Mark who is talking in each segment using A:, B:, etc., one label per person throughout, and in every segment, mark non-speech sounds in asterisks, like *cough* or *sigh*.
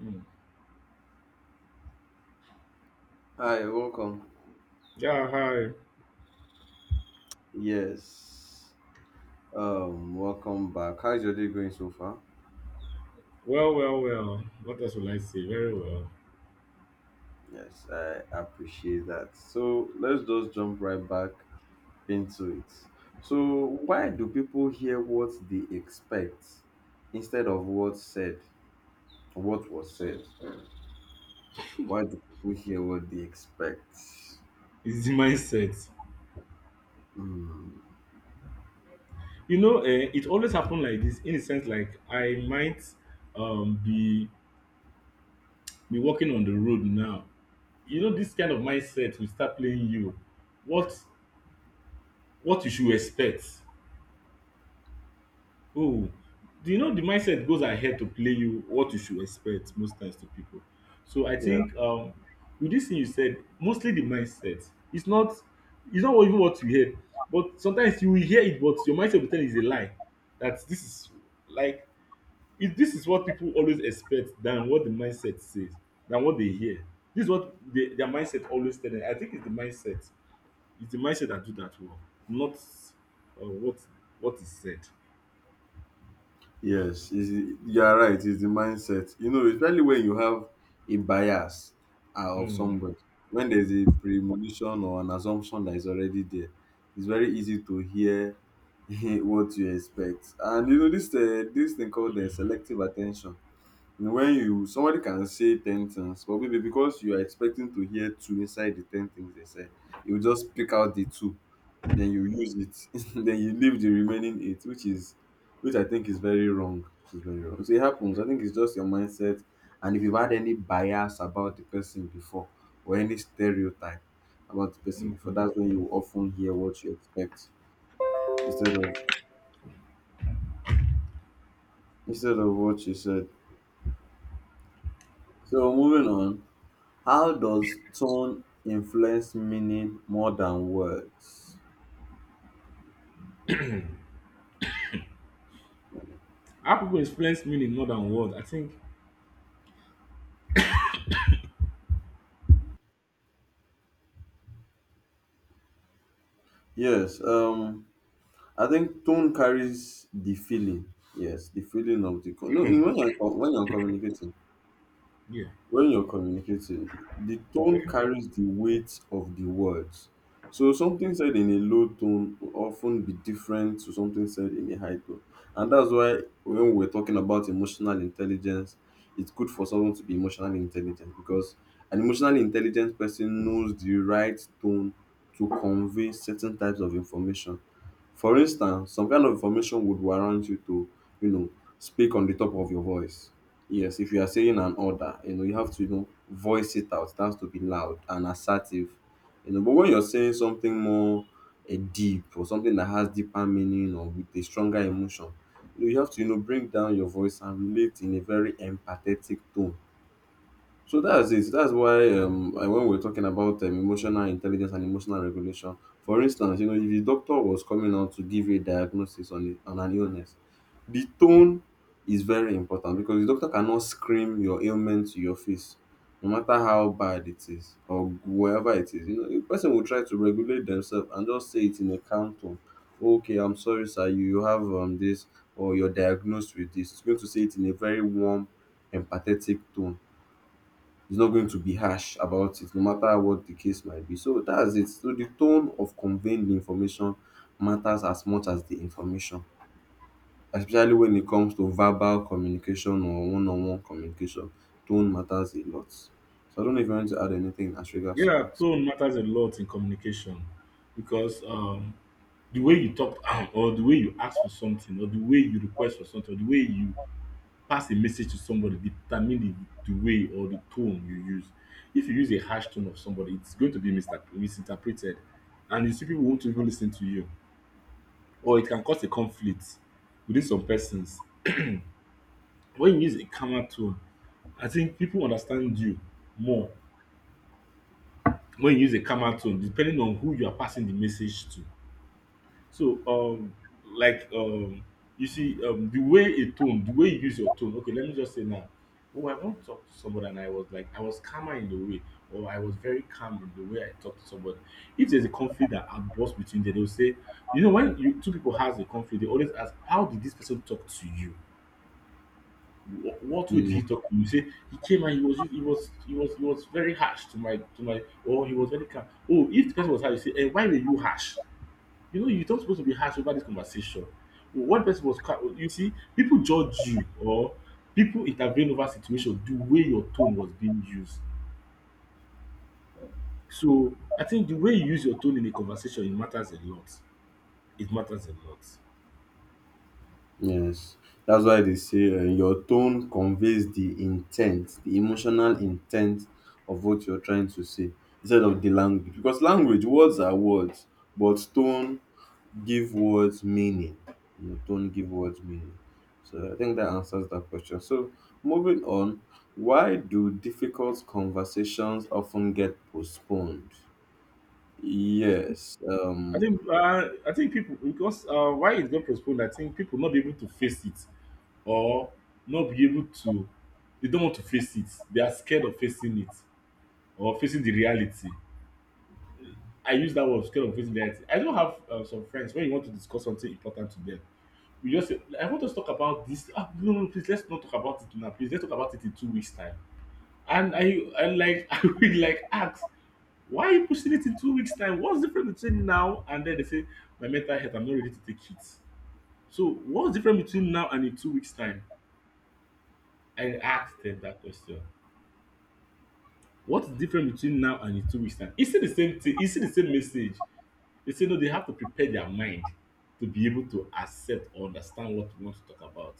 A: Mm.
B: Hi, welcome.
A: Yeah, hi.
B: Yes. Welcome back. How's your day going so far?
A: Well, well, well. What else will I say? Very well.
B: Yes, I appreciate that. So let's just jump right back into it. So why do people hear what they expect instead of what was said? Why do people hear what they expect?
A: It's the *laughs* mindset.
B: Hmm.
A: You know, it always happened like this, in a sense. Like I might um be be walking on the road now. You know, this kind of mindset will start playing you. What what you should expect. Oh, do you know the mindset goes ahead to play you what you should expect most times to people. So I think with this thing you said, mostly the mindset. It's not even what you hear, but sometimes you will hear it, but your mindset will tell you is a lie. That this is, like, if this is what people always expect than what the mindset says, than what they hear. This is what their mindset always tell them. I think it's the mindset. It's the mindset that do that work, not uh, what what is said.
B: Yes, it's the you are right, it's the mindset. You know, especially when you have a bias of
A: Mm.
B: somebody, when there's a premonition or an assumption that is already there, it's very easy to hear *laughs* what you expect. And you know, this thing called the selective attention. You know, when you somebody can say ten things, but maybe because you are expecting to hear two inside the ten things they said, you just pick out the two, then you use it, *laughs* then you leave the remaining eight, which I think is very wrong. It's very wrong. So it happens. I think it's just your mindset, and if you've had any bias about the person before or any stereotype about the person before,
A: Mm.
B: that's when you often hear what you expect instead of what you said. So moving on, how does tone influence meaning more than words?
A: How people experience meaning more than words, I think,
B: Yes, I think tone carries the feeling. Yes, the feeling of the co- no. in-
A: hmm,
B: When you're co-
A: yeah,
B: when you're communicating, the tone
A: okay.
B: carries the weight of the words. So something said in a low tone will often be different to something said in a high tone. And that's why when we're talking about emotional intelligence, it's good for someone to be emotionally intelligent, because an emotionally intelligent person knows the right tone to convey certain types of information. For instance, some kind of information would warrant you to, you know, speak on the top of your voice. Yes, if you are saying an order, you know, you have to, you know, voice it out. It has to be loud and assertive. You know, but when you're saying something more deep or something that has deeper meaning or with a stronger emotion, you know, you have to, you know, bring down your voice and relate in a very empathetic tone. So that's it. That's why when we're talking about emotional intelligence and emotional regulation, for instance, you know, if your doctor was coming out to give you a diagnosis on, on an illness, the tone is very important, because the doctor cannot scream your ailment to your face, no matter how bad it is or wherever it is. You know, the person will try to regulate themselves and just say it in a calm tone. Okay, I'm sorry, sir. You have this, or you're diagnosed with this. It's going to say it in a very warm, empathetic tone. Is not going to be harsh about it, no matter what the case might be. So that's it. So the tone of conveying the information matters as much as the information, especially when it comes to verbal communication or one-on-one communication. Tone matters a lot. So I don't know if you want to add anything as regards to
A: Yeah,
B: that.
A: tone matters a lot in communication because the way you talk *clears throat* or the way you ask for something or the way you request for something or the way you pass a message to somebody determine the way or the tone you use. If you use a harsh tone of somebody, it's going to be misinterpreted, and you see people won't even listen to you, or it can cause a conflict within some persons. When you use a calmer tone, I think people understand you more when you use a calmer tone, depending on who you are passing the message to. So, like, um, you see, the way a tone, the way you use your tone. Okay, let me just say now, oh, I want to talk to somebody, and I was like, I was calmer in the way, or I was very calm in the way I talked to somebody. If there's a conflict that outbursts between them, they'll say, you know, when you two people has a conflict, they always ask, how did this person talk to you? What would
B: Mm,
A: he talk to you? Say he came, and he was he was very harsh to my, or he was very calm. Oh, if the person was harsh, you say, and why were you harsh? You know, you're not supposed to be harsh over this conversation. One person was calm. You see, people judge you, or people intervene over situation the way your tone was being used. So I think the way you use your tone in a conversation, it matters a lot. It matters a lot.
B: yes, that's why they say your tone conveys the intent, the emotional intent of what you're trying to say, instead of the language. Because language, words are words, but tone give words meaning. You know, don't give words meaning. So I think that answers that question. So moving on, why do difficult conversations often get postponed? Yes,
A: I think uh, I think people, because why it got postponed. I think people not be able to face it, or not be able to. They don't want to face it. They are scared of facing it, or facing the reality. I use that word, scared of facing reality. I don't have some friends when you want to discuss something important to them. You just say, I want us to talk about this. Ah, no, no, please let's not talk about it now. Please let's talk about it in 2 weeks time. And I like *laughs* I will like ask, why are you pushing it in 2 weeks' time? What's different between now and then? They say, my mental health, I'm not ready to take it. So what's different between now and in 2 weeks' time? I asked them that question. What's different between now and in 2 weeks' time? Is it the same thing? Is it the same message? They say no, they have to prepare their mind to be able to accept or understand what we want to talk about.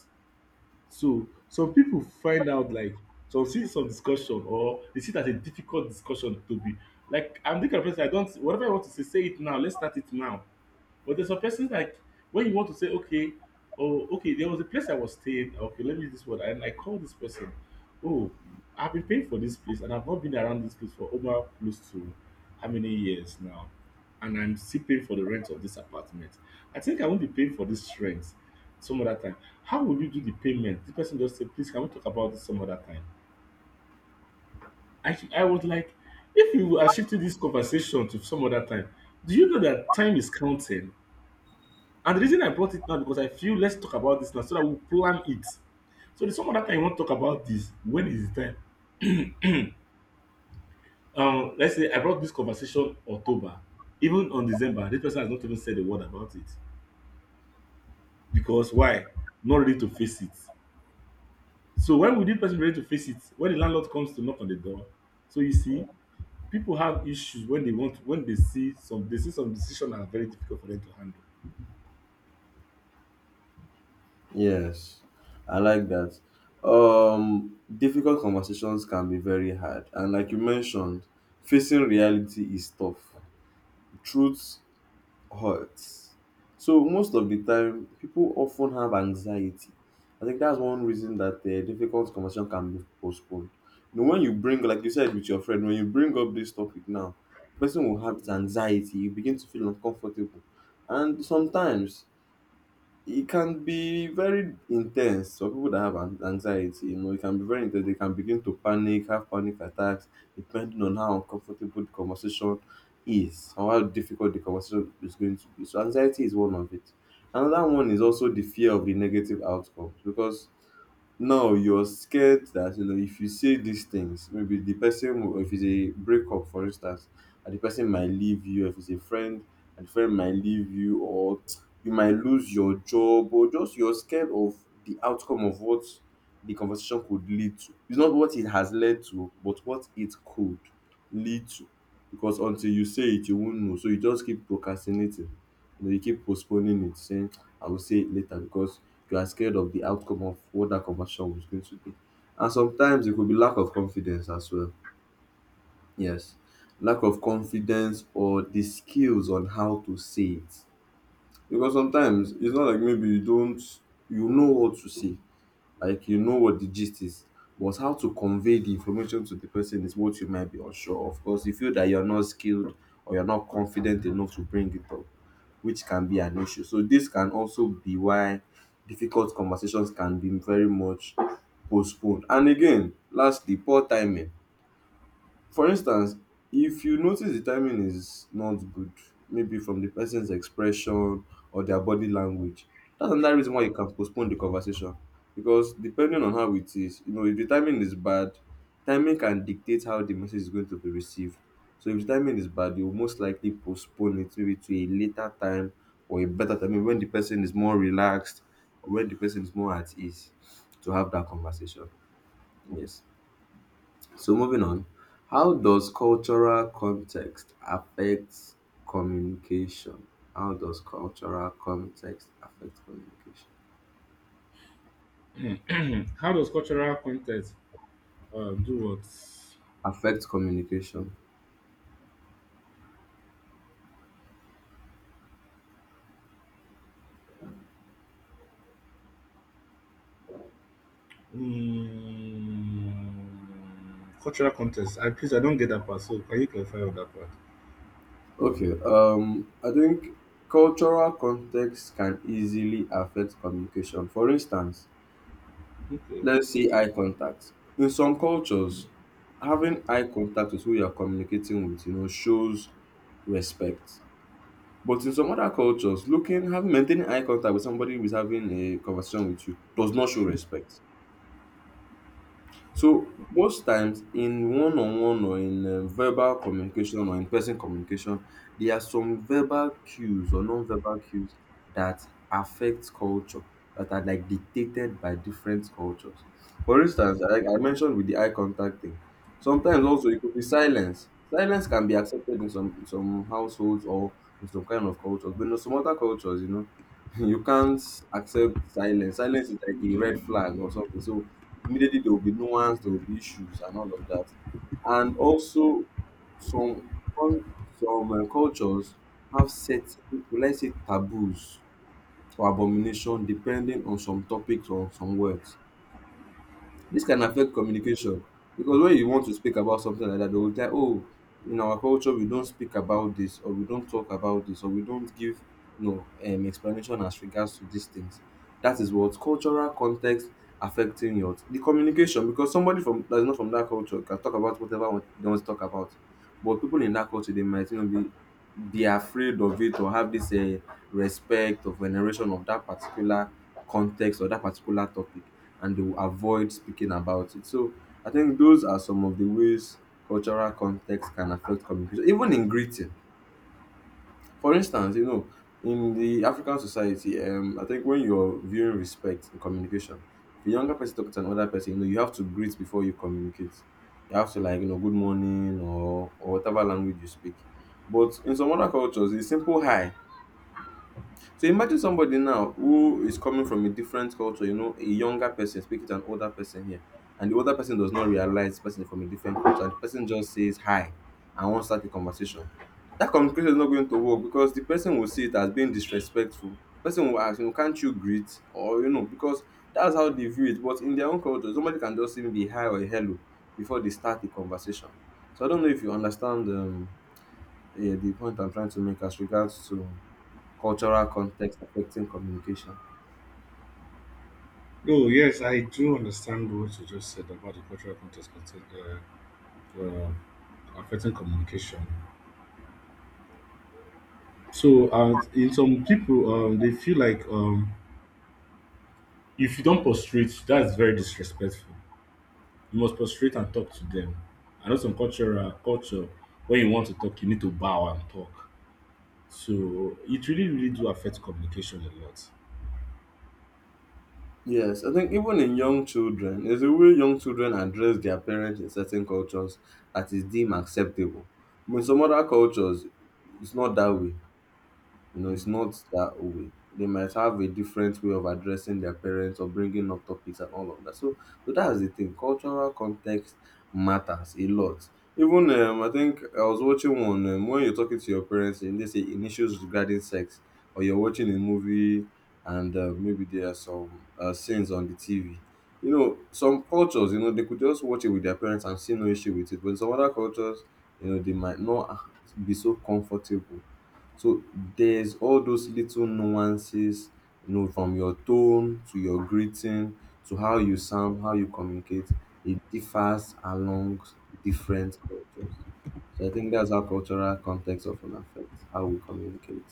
A: So some people find out, like, some see some discussion, or they see it as a difficult discussion to be. Like, I'm the kind of person, I don't, whatever I want to say, say it now, let's start it now. But there's some persons, like, when you want to say, okay, oh, okay, there was a place I was staying. Okay, let me use this word. And I called this person. Oh, I've been paying for this place, and I've not been around this place for over close to how many years now? And I'm still paying for the rent of this apartment. I think I won't be paying for this rent some other time. How will you do the payment? The person just said, please, can we talk about this some other time? I was like, if you are shifting this conversation to some other time, do you know that time is counting? And the reason I brought it now, because I feel let's talk about this now so that we plan it. So there's some other time you want to talk about this. When is the time? Let's say I brought this conversation October, even on December. This person has not even said a word about it, because why? Not ready to face it. So when will this person be ready to face it? When the landlord comes to knock on the door. So you see, people have issues when they want, when they see some decisions are very difficult for them to handle.
B: yes, I like that. Difficult conversations can be very hard, and like you mentioned, facing reality is tough. Truth hurts. So most of the time, people often have anxiety. I think that's one reason that the difficult conversation can be postponed. You know, when you bring, like you said with your friend, when you bring up this topic now, the person will have this anxiety. You begin to feel uncomfortable, and sometimes it can be very intense for people that have anxiety. You know, it can be very intense. They can begin to panic, have panic attacks, depending on how uncomfortable the conversation is or how difficult the conversation is going to be. So anxiety is one of it. Another one is also the fear of the negative outcomes, because no, you're scared that, you know, if you say these things, maybe the person will, if it's a breakup, for instance, and the person might leave you, if it's a friend, and the friend might leave you, or you might lose your job, or just you're scared of the outcome of what the conversation could lead to. It's not what it has led to, but what it could lead to. Because until you say it, you won't know. So you just keep procrastinating. You know, you keep postponing it, saying, I will say it later, because you are scared of the outcome of what that conversation was going to be. And sometimes it could be lack of confidence as well. Yes, lack of confidence or the skills on how to say it. Because sometimes it's not like maybe you don't, you know what to say, like you know what the gist is, but how to convey the information to the person is what you might be unsure of, because you feel that you're not skilled or you're not confident enough to bring it up, which can be an issue. So this can also be why difficult conversations can be very much postponed. And again, lastly, poor timing. For instance, if you notice the timing is not good, maybe from the person's expression or their body language, that's another reason why you can postpone the conversation. Because depending on how it is, you know, if the timing is bad, timing can dictate how the message is going to be received. So if the timing is bad, you'll most likely postpone it, maybe to a later time or a better time, maybe when the person is more relaxed or when the person is more at ease to have that conversation. Yes. So moving on, how does cultural context affect communication? How does cultural context affect communication?
A: *clears throat* How does cultural context do what?
B: Affect communication.
A: Mm, cultural context. I please, I don't get that part. So can you clarify on that part?
B: Okay, I think cultural context can easily affect communication. For instance,
A: Okay.
B: let's say eye contact. In some cultures, having eye contact with who you are communicating with, you know, shows respect. But in some other cultures, looking having maintaining eye contact with somebody who is having a conversation with you does not show respect. So most times in one on one or in verbal communication or in person communication, there are some verbal cues or non verbal cues that affect culture, that are like dictated by different cultures. For instance, like I mentioned with the eye contact thing, sometimes also it could be silence. Silence can be accepted in some households or in some kind of cultures, but in some other cultures, you know, *laughs* you can't accept silence. Silence is like a red flag or something. So immediately there will be nuance, there will be issues and all of that. And also some cul- some cultures have certain, will I say, taboos or abomination depending on some topics or some words. This can affect communication, because when you want to speak about something like that, they will tell, oh, in our culture we don't speak about this, or we don't talk about this, or we don't give no explanation as regards to these things. That is what cultural context affecting your the communication, because somebody from that is not from that culture can talk about whatever they want to talk about, but people in that culture, they might, you know, be afraid of it or have this respect or veneration of that particular context or that particular topic, and they will avoid speaking about it. So I think those are some of the ways cultural context can affect communication, even in greeting. For instance, you know, in the African society, I think when you're viewing respect in communication, if a younger person talks to another person, you know, you have to greet before you communicate. You have to, like, you know, good morning or whatever language you speak. But in some other cultures, it's simple hi. So imagine somebody now who is coming from a different culture, you know, a younger person speaking to an older person here, and the older person does not realize the person is from a different culture, and the person just says hi and wants to start a conversation. That communication is not going to work, because the person will see it as being disrespectful. Person will ask, you know, can't you greet? Or, you know, because that's how they view it. But in their own culture, somebody can just even be hi or hello before they start the conversation. So I don't know if you understand yeah, the point I'm trying to make as regards to cultural context affecting communication.
A: No, yes, I do understand what you just said about the cultural context content, uh, affecting communication. So, in some people, they feel like if you don't prostrate, that's very disrespectful. You must prostrate and talk to them. I know some cultural culture, when you want to talk, you need to bow and talk. So it really, really do affect communication a lot.
B: Yes, I think even in young children, there's a way young children address their parents in certain cultures that is deemed acceptable. But in some other cultures, it's not that way. You know, it's not that way. They might have a different way of addressing their parents or bringing up topics and all of that. So, so that's the thing. Cultural context matters a lot. Even I think I was watching one when you're talking to your parents and they say in issues regarding sex, or you're watching a movie and maybe there are some scenes on the TV. You know, some cultures, you know, they could just watch it with their parents and see no issue with it. But in some other cultures, you know, they might not be so comfortable so there's all those little nuances, you know, from your tone to your greeting to how you sound, how you communicate, it differs along different cultures. So I think that's how cultural context often affects how we communicate.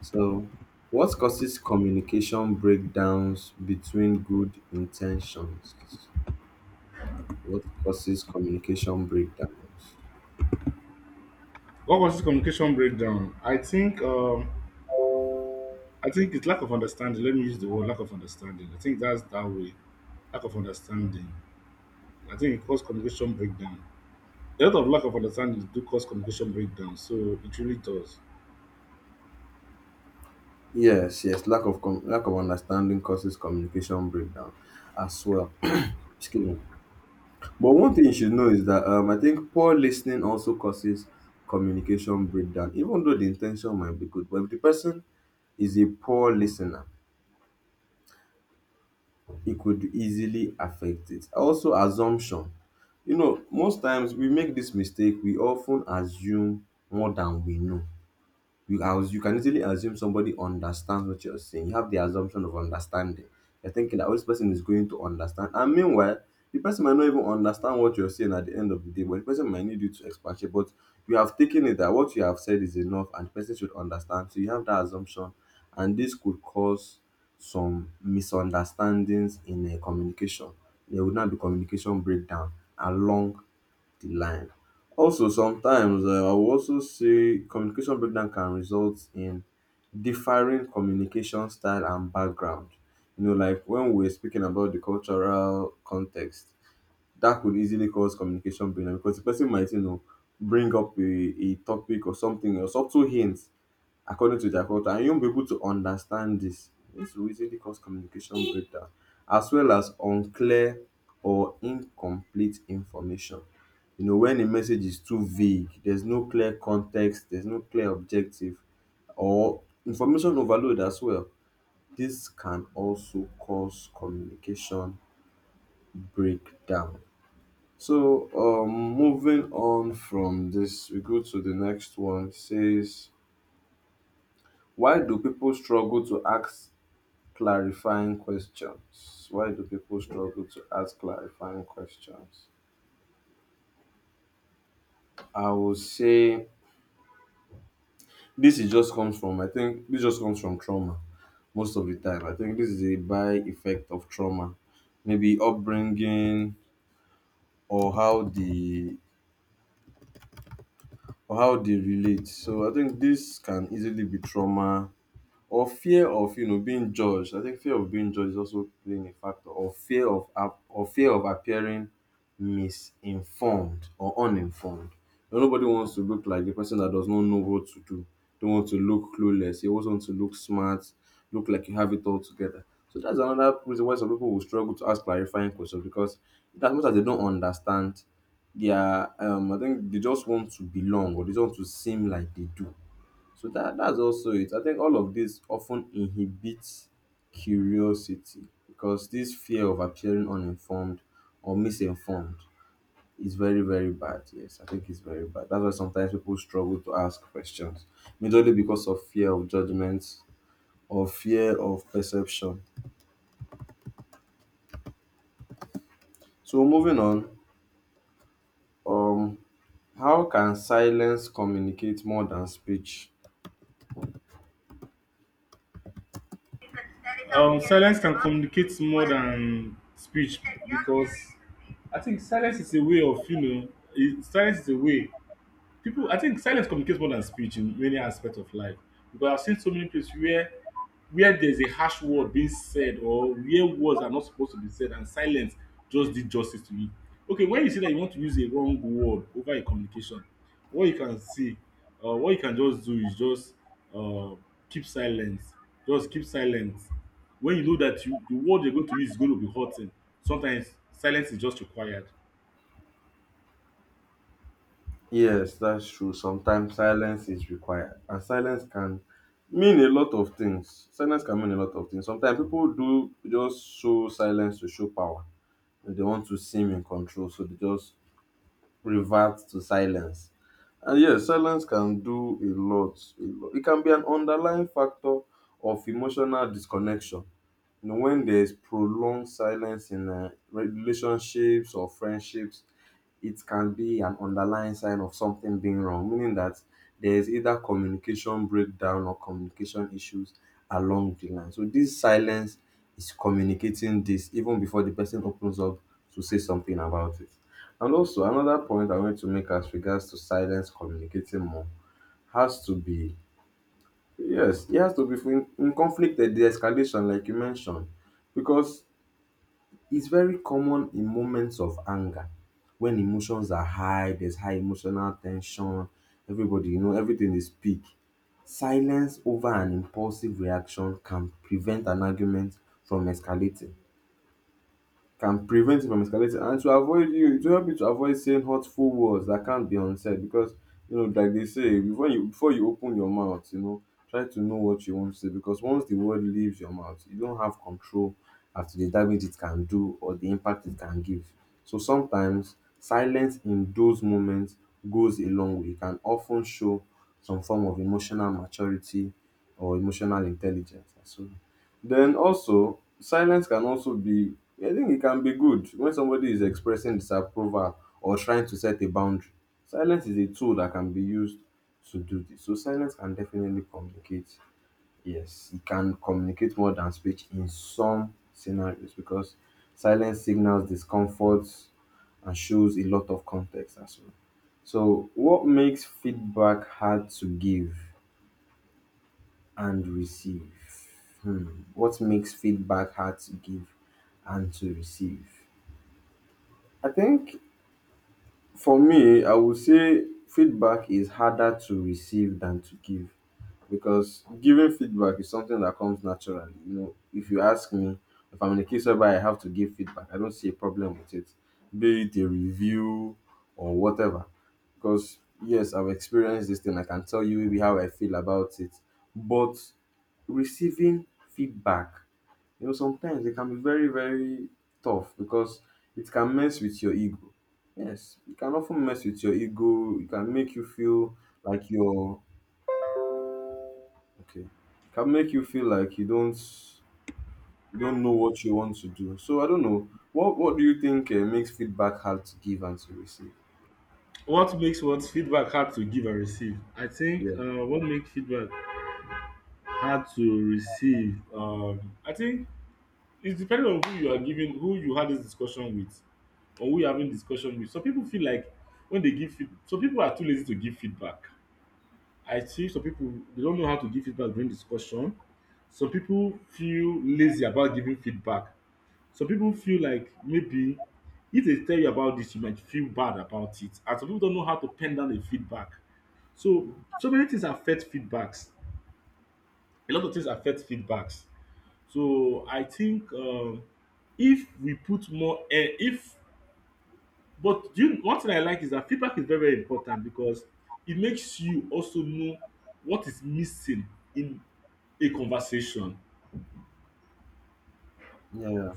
B: So what causes communication breakdowns between good intentions? What causes communication breakdowns?
A: What causes communication breakdown? I think it's lack of understanding. Let me use the word lack of understanding. I think that's that way. Lack of understanding. I think it causes communication breakdown. A lot of lack of understanding do cause communication breakdown, so it really does.
B: Yes, yes, lack of understanding causes communication breakdown as well. *clears throat* Excuse me. But one thing you should know is that I think poor listening also causes communication breakdown, even though the intention might be good. But if the person is a poor listener, it could easily affect it. Also, assumption. You know, most times we make this mistake. We often assume more than we know. You as you can easily assume somebody understands what you're saying. You have the assumption of understanding. You're thinking that oh, this person is going to understand. And meanwhile, the person might not even understand what you're saying at the end of the day, but the person might need you to expatiate. But you have taken it that what you have said is enough and the person should understand. So you have that assumption. And this could cause some misunderstandings in a communication. There would not be communication breakdown along the line. Also, sometimes I will also say communication breakdown can result in differing communication style and background. You know, like when we're speaking about the cultural context, that could easily cause communication breakdown because the person might, you know, bring up a topic or something or subtle hints according to their culture, and you won't be able to understand this. This will easily cause communication breakdown, as well as unclear or incomplete information. You know, when a message is too vague, there's no clear context, there's no clear objective, or information overload as well. This can also cause communication breakdown. So, moving on from this, we go to the next one. It says, why do people struggle to ask clarifying questions? Why do people struggle to ask clarifying questions? I will say this is just comes from I think this just comes from trauma most of the time. I think this is a by effect of trauma, maybe upbringing or how the or how they relate. So I think this can easily be trauma or fear of you know being judged. I think fear of being judged is also playing a factor, or fear of appearing misinformed or uninformed. You know, nobody wants to look like the person that does not know what to do. Don't want to look clueless. You always want to look smart, look like you have it all together. So that's another reason why some people will struggle to ask clarifying questions because as much as they don't understand, they are I think they just want to belong or they just want to seem like they do so that's also it. I think all of this often inhibits curiosity because this fear of appearing uninformed or misinformed is very, very bad. Yes, I think it's very bad. That's why sometimes people struggle to ask questions, mainly because of fear of judgment or fear of perception. So moving on, um, how can silence communicate more than speech?
A: Silence can communicate more than speech because I think silence is a way of, you know, silence is a way people, I think silence communicates more than speech in many aspects of life, because I've seen so many places where there's a harsh word being said, or where words are not supposed to be said, and silence just did justice to it. Okay, when you say that you want to use a wrong word over a communication, what you can see, what you can just do is just, uh, keep silence, just keep silence. When you know that you the word you're going to use is going to be hurting, sometimes silence is just required.
B: Yes, that's true. Sometimes silence is required, and silence can mean a lot of things. Silence can mean a lot of things. Sometimes people do just show silence to show power, and they want to seem in control, so they just revert to silence. And yes, silence can do a lot. A lot. It can be an underlying factor of emotional disconnection. You know, when there's prolonged silence in relationships or friendships, it can be an underlying sign of something being wrong, meaning that there is either communication breakdown or communication issues along the line. So this silence is communicating this even before the person opens up to say something about it. And also another point I want to make as regards to silence communicating more has to be yes, it has to be in conflict at the escalation, like you mentioned, because it's very common in moments of anger when emotions are high, there's high emotional tension, everybody, you know, everything is peak. Silence over an impulsive reaction can prevent an argument from escalating, can prevent it from escalating and to avoid you to help you to avoid saying hurtful words that can't be unsaid because you know like they say before you open your mouth you know try to know what you want to say because once the word leaves your mouth you don't have control as to the damage it can do or the impact it can give. So sometimes silence in those moments goes a long way. It can often show some form of emotional maturity or emotional intelligence. So then also, silence can also be I think it can be good when somebody is expressing disapproval or trying to set a boundary. Silence is a tool that can be used to do this. So silence can definitely communicate. Yes, it can communicate more than speech in some scenarios because silence signals discomfort and shows a lot of context as well. So what makes feedback hard to give? And receive. Hmm. What makes feedback hard to give and to receive? I think for me, I would say feedback is harder to receive than to give because giving feedback is something that comes naturally. You know, if you ask me, if I'm in a case whereby I have to give feedback, I don't see a problem with it, be it a review or whatever. Because yes, I've experienced this thing. I can tell you maybe how I feel about it, but receiving feedback you know, sometimes it can be very, very tough because it can mess with your ego. Yes, it can often mess with your ego. It can make you feel like you're okay. It can make you feel like you don't know what you want to do. So I don't know. What do you think makes feedback hard to give and to receive?
A: What makes one's feedback hard to give and receive? I think
B: Yeah,
A: what makes feedback hard to receive, I think it's depending on who you are giving, who you had this discussion with, or who you're having discussion with. Some people feel like when they give feed, some people are too lazy to give feedback. I see some people they don't know how to give feedback during discussion. Some people feel lazy about giving feedback. Some people feel like maybe if they tell you about this, you might feel bad about it. And some people don't know how to pen down a feedback. So so many things affect feedbacks. A lot of things affect feedbacks. So I think if we put more, eh, if but you, one thing I like is that feedback is very very important because it makes you also know what is missing in a conversation.
B: yeah.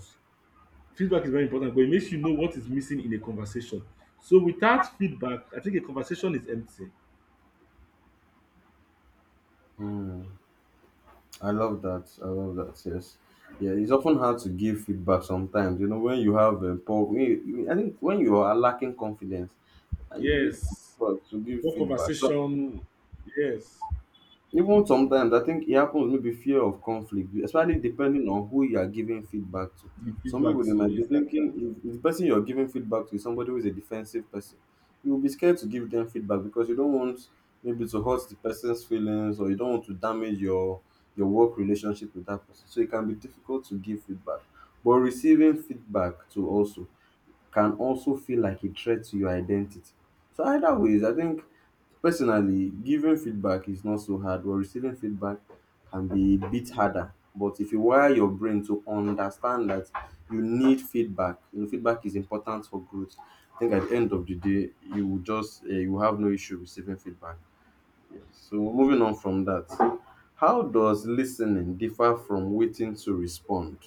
A: Feedback is very important, but it makes you know what is missing in a conversation. So without feedback, I think a conversation is empty.
B: I love that. I love that. Yes. Yeah, it's often hard to give feedback sometimes. You know, when you have a poor, when you- I think when you are lacking confidence, and it's
A: Yes,
B: difficult to give
A: what
B: feedback. So
A: conversation? Yes,
B: even sometimes I think it happens maybe fear of conflict, especially depending on who you are giving feedback to.
A: the
B: Some
A: feedback
B: people they
A: too.
B: might be
A: Yes.
B: thinking if the person you're giving feedback to is somebody who is a defensive person, you will be scared to give them feedback because you don't want maybe to hurt the person's feelings or you don't want to damage your work relationship with that person. So it can be difficult to give feedback. But receiving feedback to also can also feel like a threat to your identity. So either ways, I think personally, giving feedback is not so hard, but receiving feedback can be a bit harder. But if you wire your brain to understand that you need feedback, you know, feedback is important for growth. I think at the end of the day, you will just you will have no issue receiving feedback. So moving on from that, how does listening differ from waiting to respond?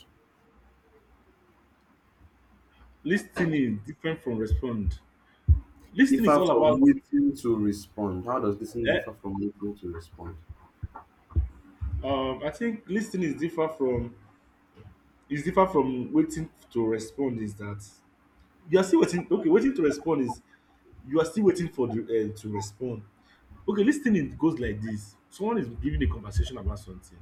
A: Listening is different from respond. Listening is
B: Differ
A: all
B: from
A: about.
B: waiting to respond. How does listening
A: Eh,
B: differ from waiting to respond?
A: I think listening is different from waiting to respond. Is that you are still waiting? Okay, waiting to respond is you are still waiting for the, to respond. Okay, listening goes like this: someone is giving a conversation about something,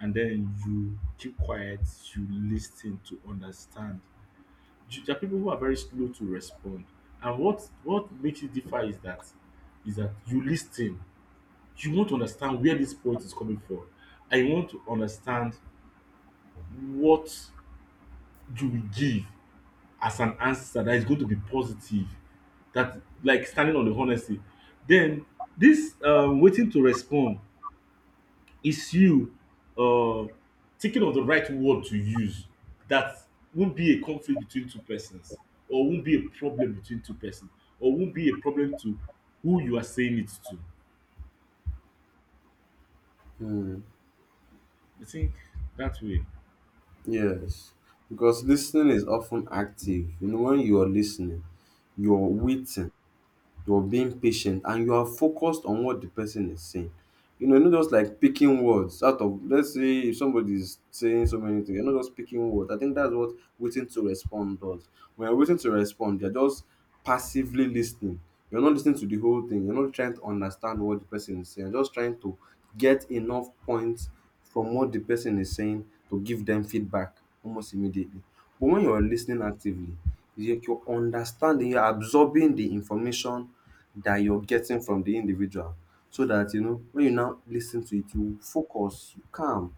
A: and then you keep quiet. You listen to understand. You- There are people who are very slow to respond, and what makes it differ is that you listen, you want to understand where this poet is coming from, and you want to understand what you will give as an answer that is going to be positive, that like standing on the honesty. Then this waiting to respond is you uh, thinking of the right word to use that won't be a conflict between two persons, or won't be a problem between two persons, or won't be a problem to who you are saying it to.
B: Hmm.
A: I think that way.
B: Yes, because listening is often active. You know, when you are listening, you're waiting, you're being patient, and you are focused on what the person is saying you know, you're not just like picking words out of, let's say if somebody is saying so many things, you're not just picking words. I think that's what waiting to respond does. When you're waiting to respond, you're just passively listening. You're not listening to the whole thing. You're not trying to understand what the person is saying. You're just trying to get enough points from what the person is saying to give them feedback almost immediately. But when you're listening actively, you're understanding, you're absorbing the information that you're getting from the individual so that you know when you now listen to it you focus you calm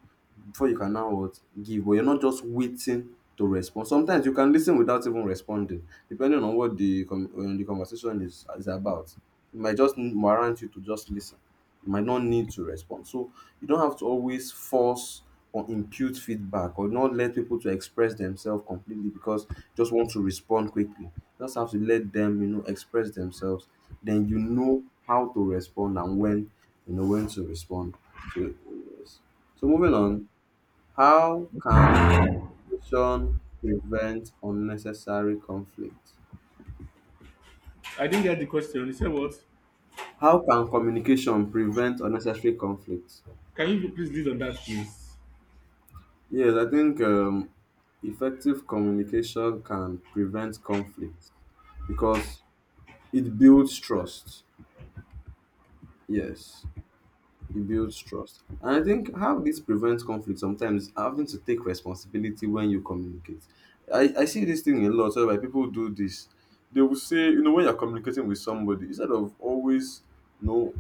B: before you can now what give but you're not just waiting to respond. Sometimes you can listen without even responding depending on what the conversation is about. It might just warrant you to just listen, you might not need to respond. So you don't have to always force or impute feedback or not let people to express themselves completely because you just want to respond quickly. You just have to let them, you know, express themselves. Then you know how to respond and when, you know, when to respond. So yes. So moving on, how can communication prevent unnecessary conflict?
A: I didn't get the question. You said what?
B: How can communication prevent unnecessary conflict?
A: Can you please lead on that, please?
B: Yes, I think effective communication can prevent conflict because it builds trust. Yes, it builds trust. And I think how this prevents conflict sometimes having to take responsibility when you communicate. I see this thing a lot whereby people do this. They will say, you know, when you're communicating with somebody, instead of always, you know,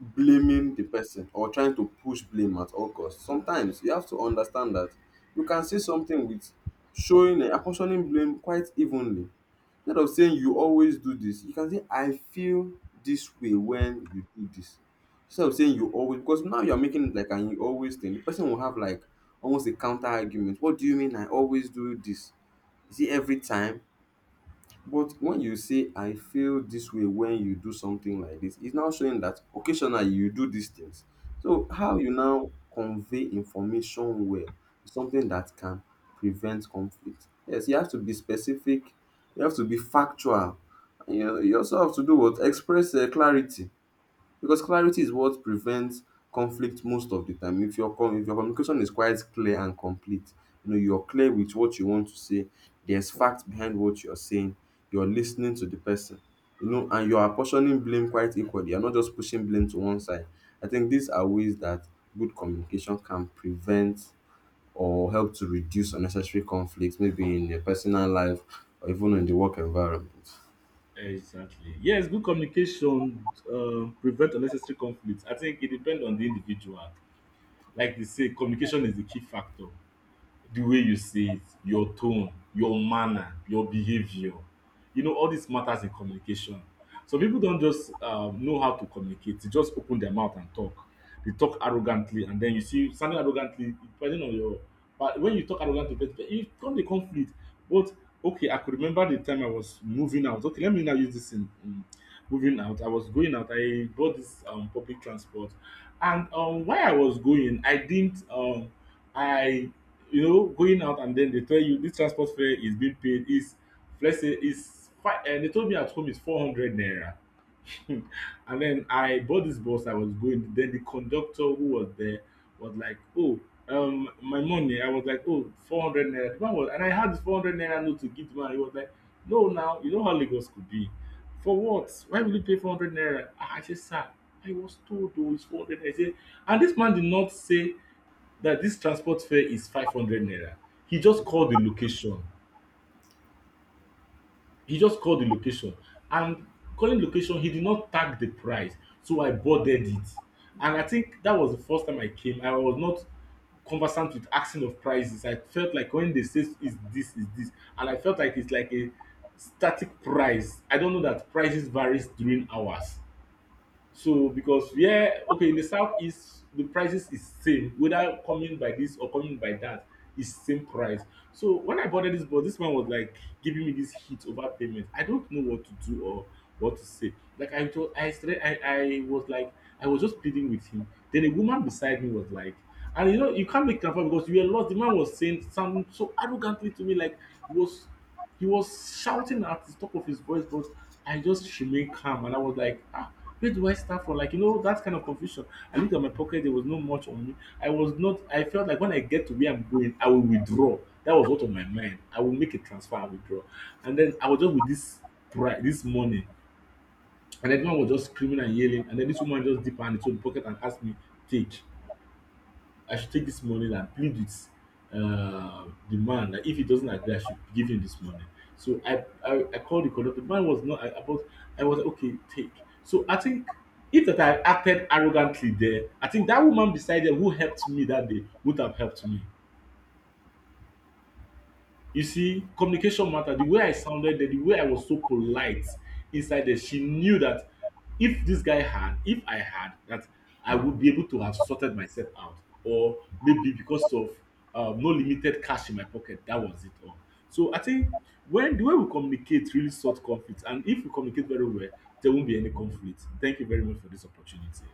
B: blaming the person or trying to push blame at all costs. Sometimes you have to understand that you can say something with showing and apportioning blame quite evenly. Instead of saying you always do this, you can say I feel this way when you do this. Instead of saying you always, because now you're making it like an you always thing, the person will have like almost a counter argument. What do you mean I always do this? Is it every time? But when you say I feel this way when you do something like this, it's now showing that occasionally you do these things. So how you now convey information well is something that can prevent conflict. Yes, you have to be specific, you have to be factual, and you also have to do what? Express clarity because clarity is what prevents conflict most of the time. If your communication is quite clear and complete, you know you're clear with what you want to say. There's facts behind what you're saying. You're listening to the person, you know, and you're apportioning blame quite equally. You're not just pushing blame to one side. I think these are ways that good communication can prevent or help to reduce unnecessary conflicts, maybe in your personal life or even in the work environment.
A: Exactly. Yes, good communication prevent unnecessary conflict. I think it depends on the individual. Like they say, communication is the key factor. The way you say it, your tone, your manner, your behavior. You know, all this matters in communication. So people don't just know how to communicate. They just open their mouth and talk. They talk arrogantly, and then you see sounding arrogantly, depending on your. But when you talk arrogantly, but it come the conflict. But okay, I could remember the time I was moving out. Okay, let me now use this in moving out. I was going out. I bought this public transport, and while I was going, I didn't. I, you know, going out, and then they tell you this transport fare is being paid is, let's say, is five. And they told me at home is 400 naira. And then I bought this bus. I was going. Then the conductor who was there was like, "Oh, my money." I was like, "Oh, 400 naira." The man was, and I had this 400 naira note to give the man. He was like, "No, now you know how Lagos could be. For what? Why will you pay 400 naira?" Ah, I said, "Sir, I was told oh, it's 400 naira." He said, and this man did not say that this transport fare is 500 naira. He just called the location. He just called the location. And calling location, he did not tag the price. So I boarded it. And I think that was the first time I came. I was not conversant with asking of prices. I felt like when they say is this, is this. And I felt like it's like a static price. I don't know that prices varies during hours. So because where okay in the southeast the prices is same whether coming by this or coming by that is same price. So when I boarded this bus, this man was like giving me this heat over payment. I don't know what to do or what to say. Like I told I started, I was like I was just pleading with him. Then a woman beside me was like, and you know you can't make transfer because you were lost. The man was saying something so arrogantly to me like he was He was shouting at the top of his voice, but I just remained calm and I was like, ah, where do I start from? Like, you know, that kind of confusion. I looked at my pocket, there was not much on me. I was not, I felt like when I get to where I'm going, I will withdraw. That was what on my mind. I will make a transfer and withdraw. And then I was just with this pride, this money. And everyone was just screaming and yelling. And then this woman just dipped her hand into the pocket and asked me, take. I should take this money and plead with uh, the man that if he doesn't agree, I should give him this money. So I I called the conductor. The man was not a- about. I was like, okay, take. So I think if that I acted arrogantly there, I think that woman beside there who helped me that day would have helped me. You see, communication matter. The way I sounded there, the way I was so polite inside there, she knew that if this guy had, if I had, that I would be able to have sorted myself out. Or maybe because of no limited cash in my pocket, that was it all. So I think when the way we communicate really sort conflict, and if we communicate very well, there won't be any conflict. Thank you very much for this opportunity.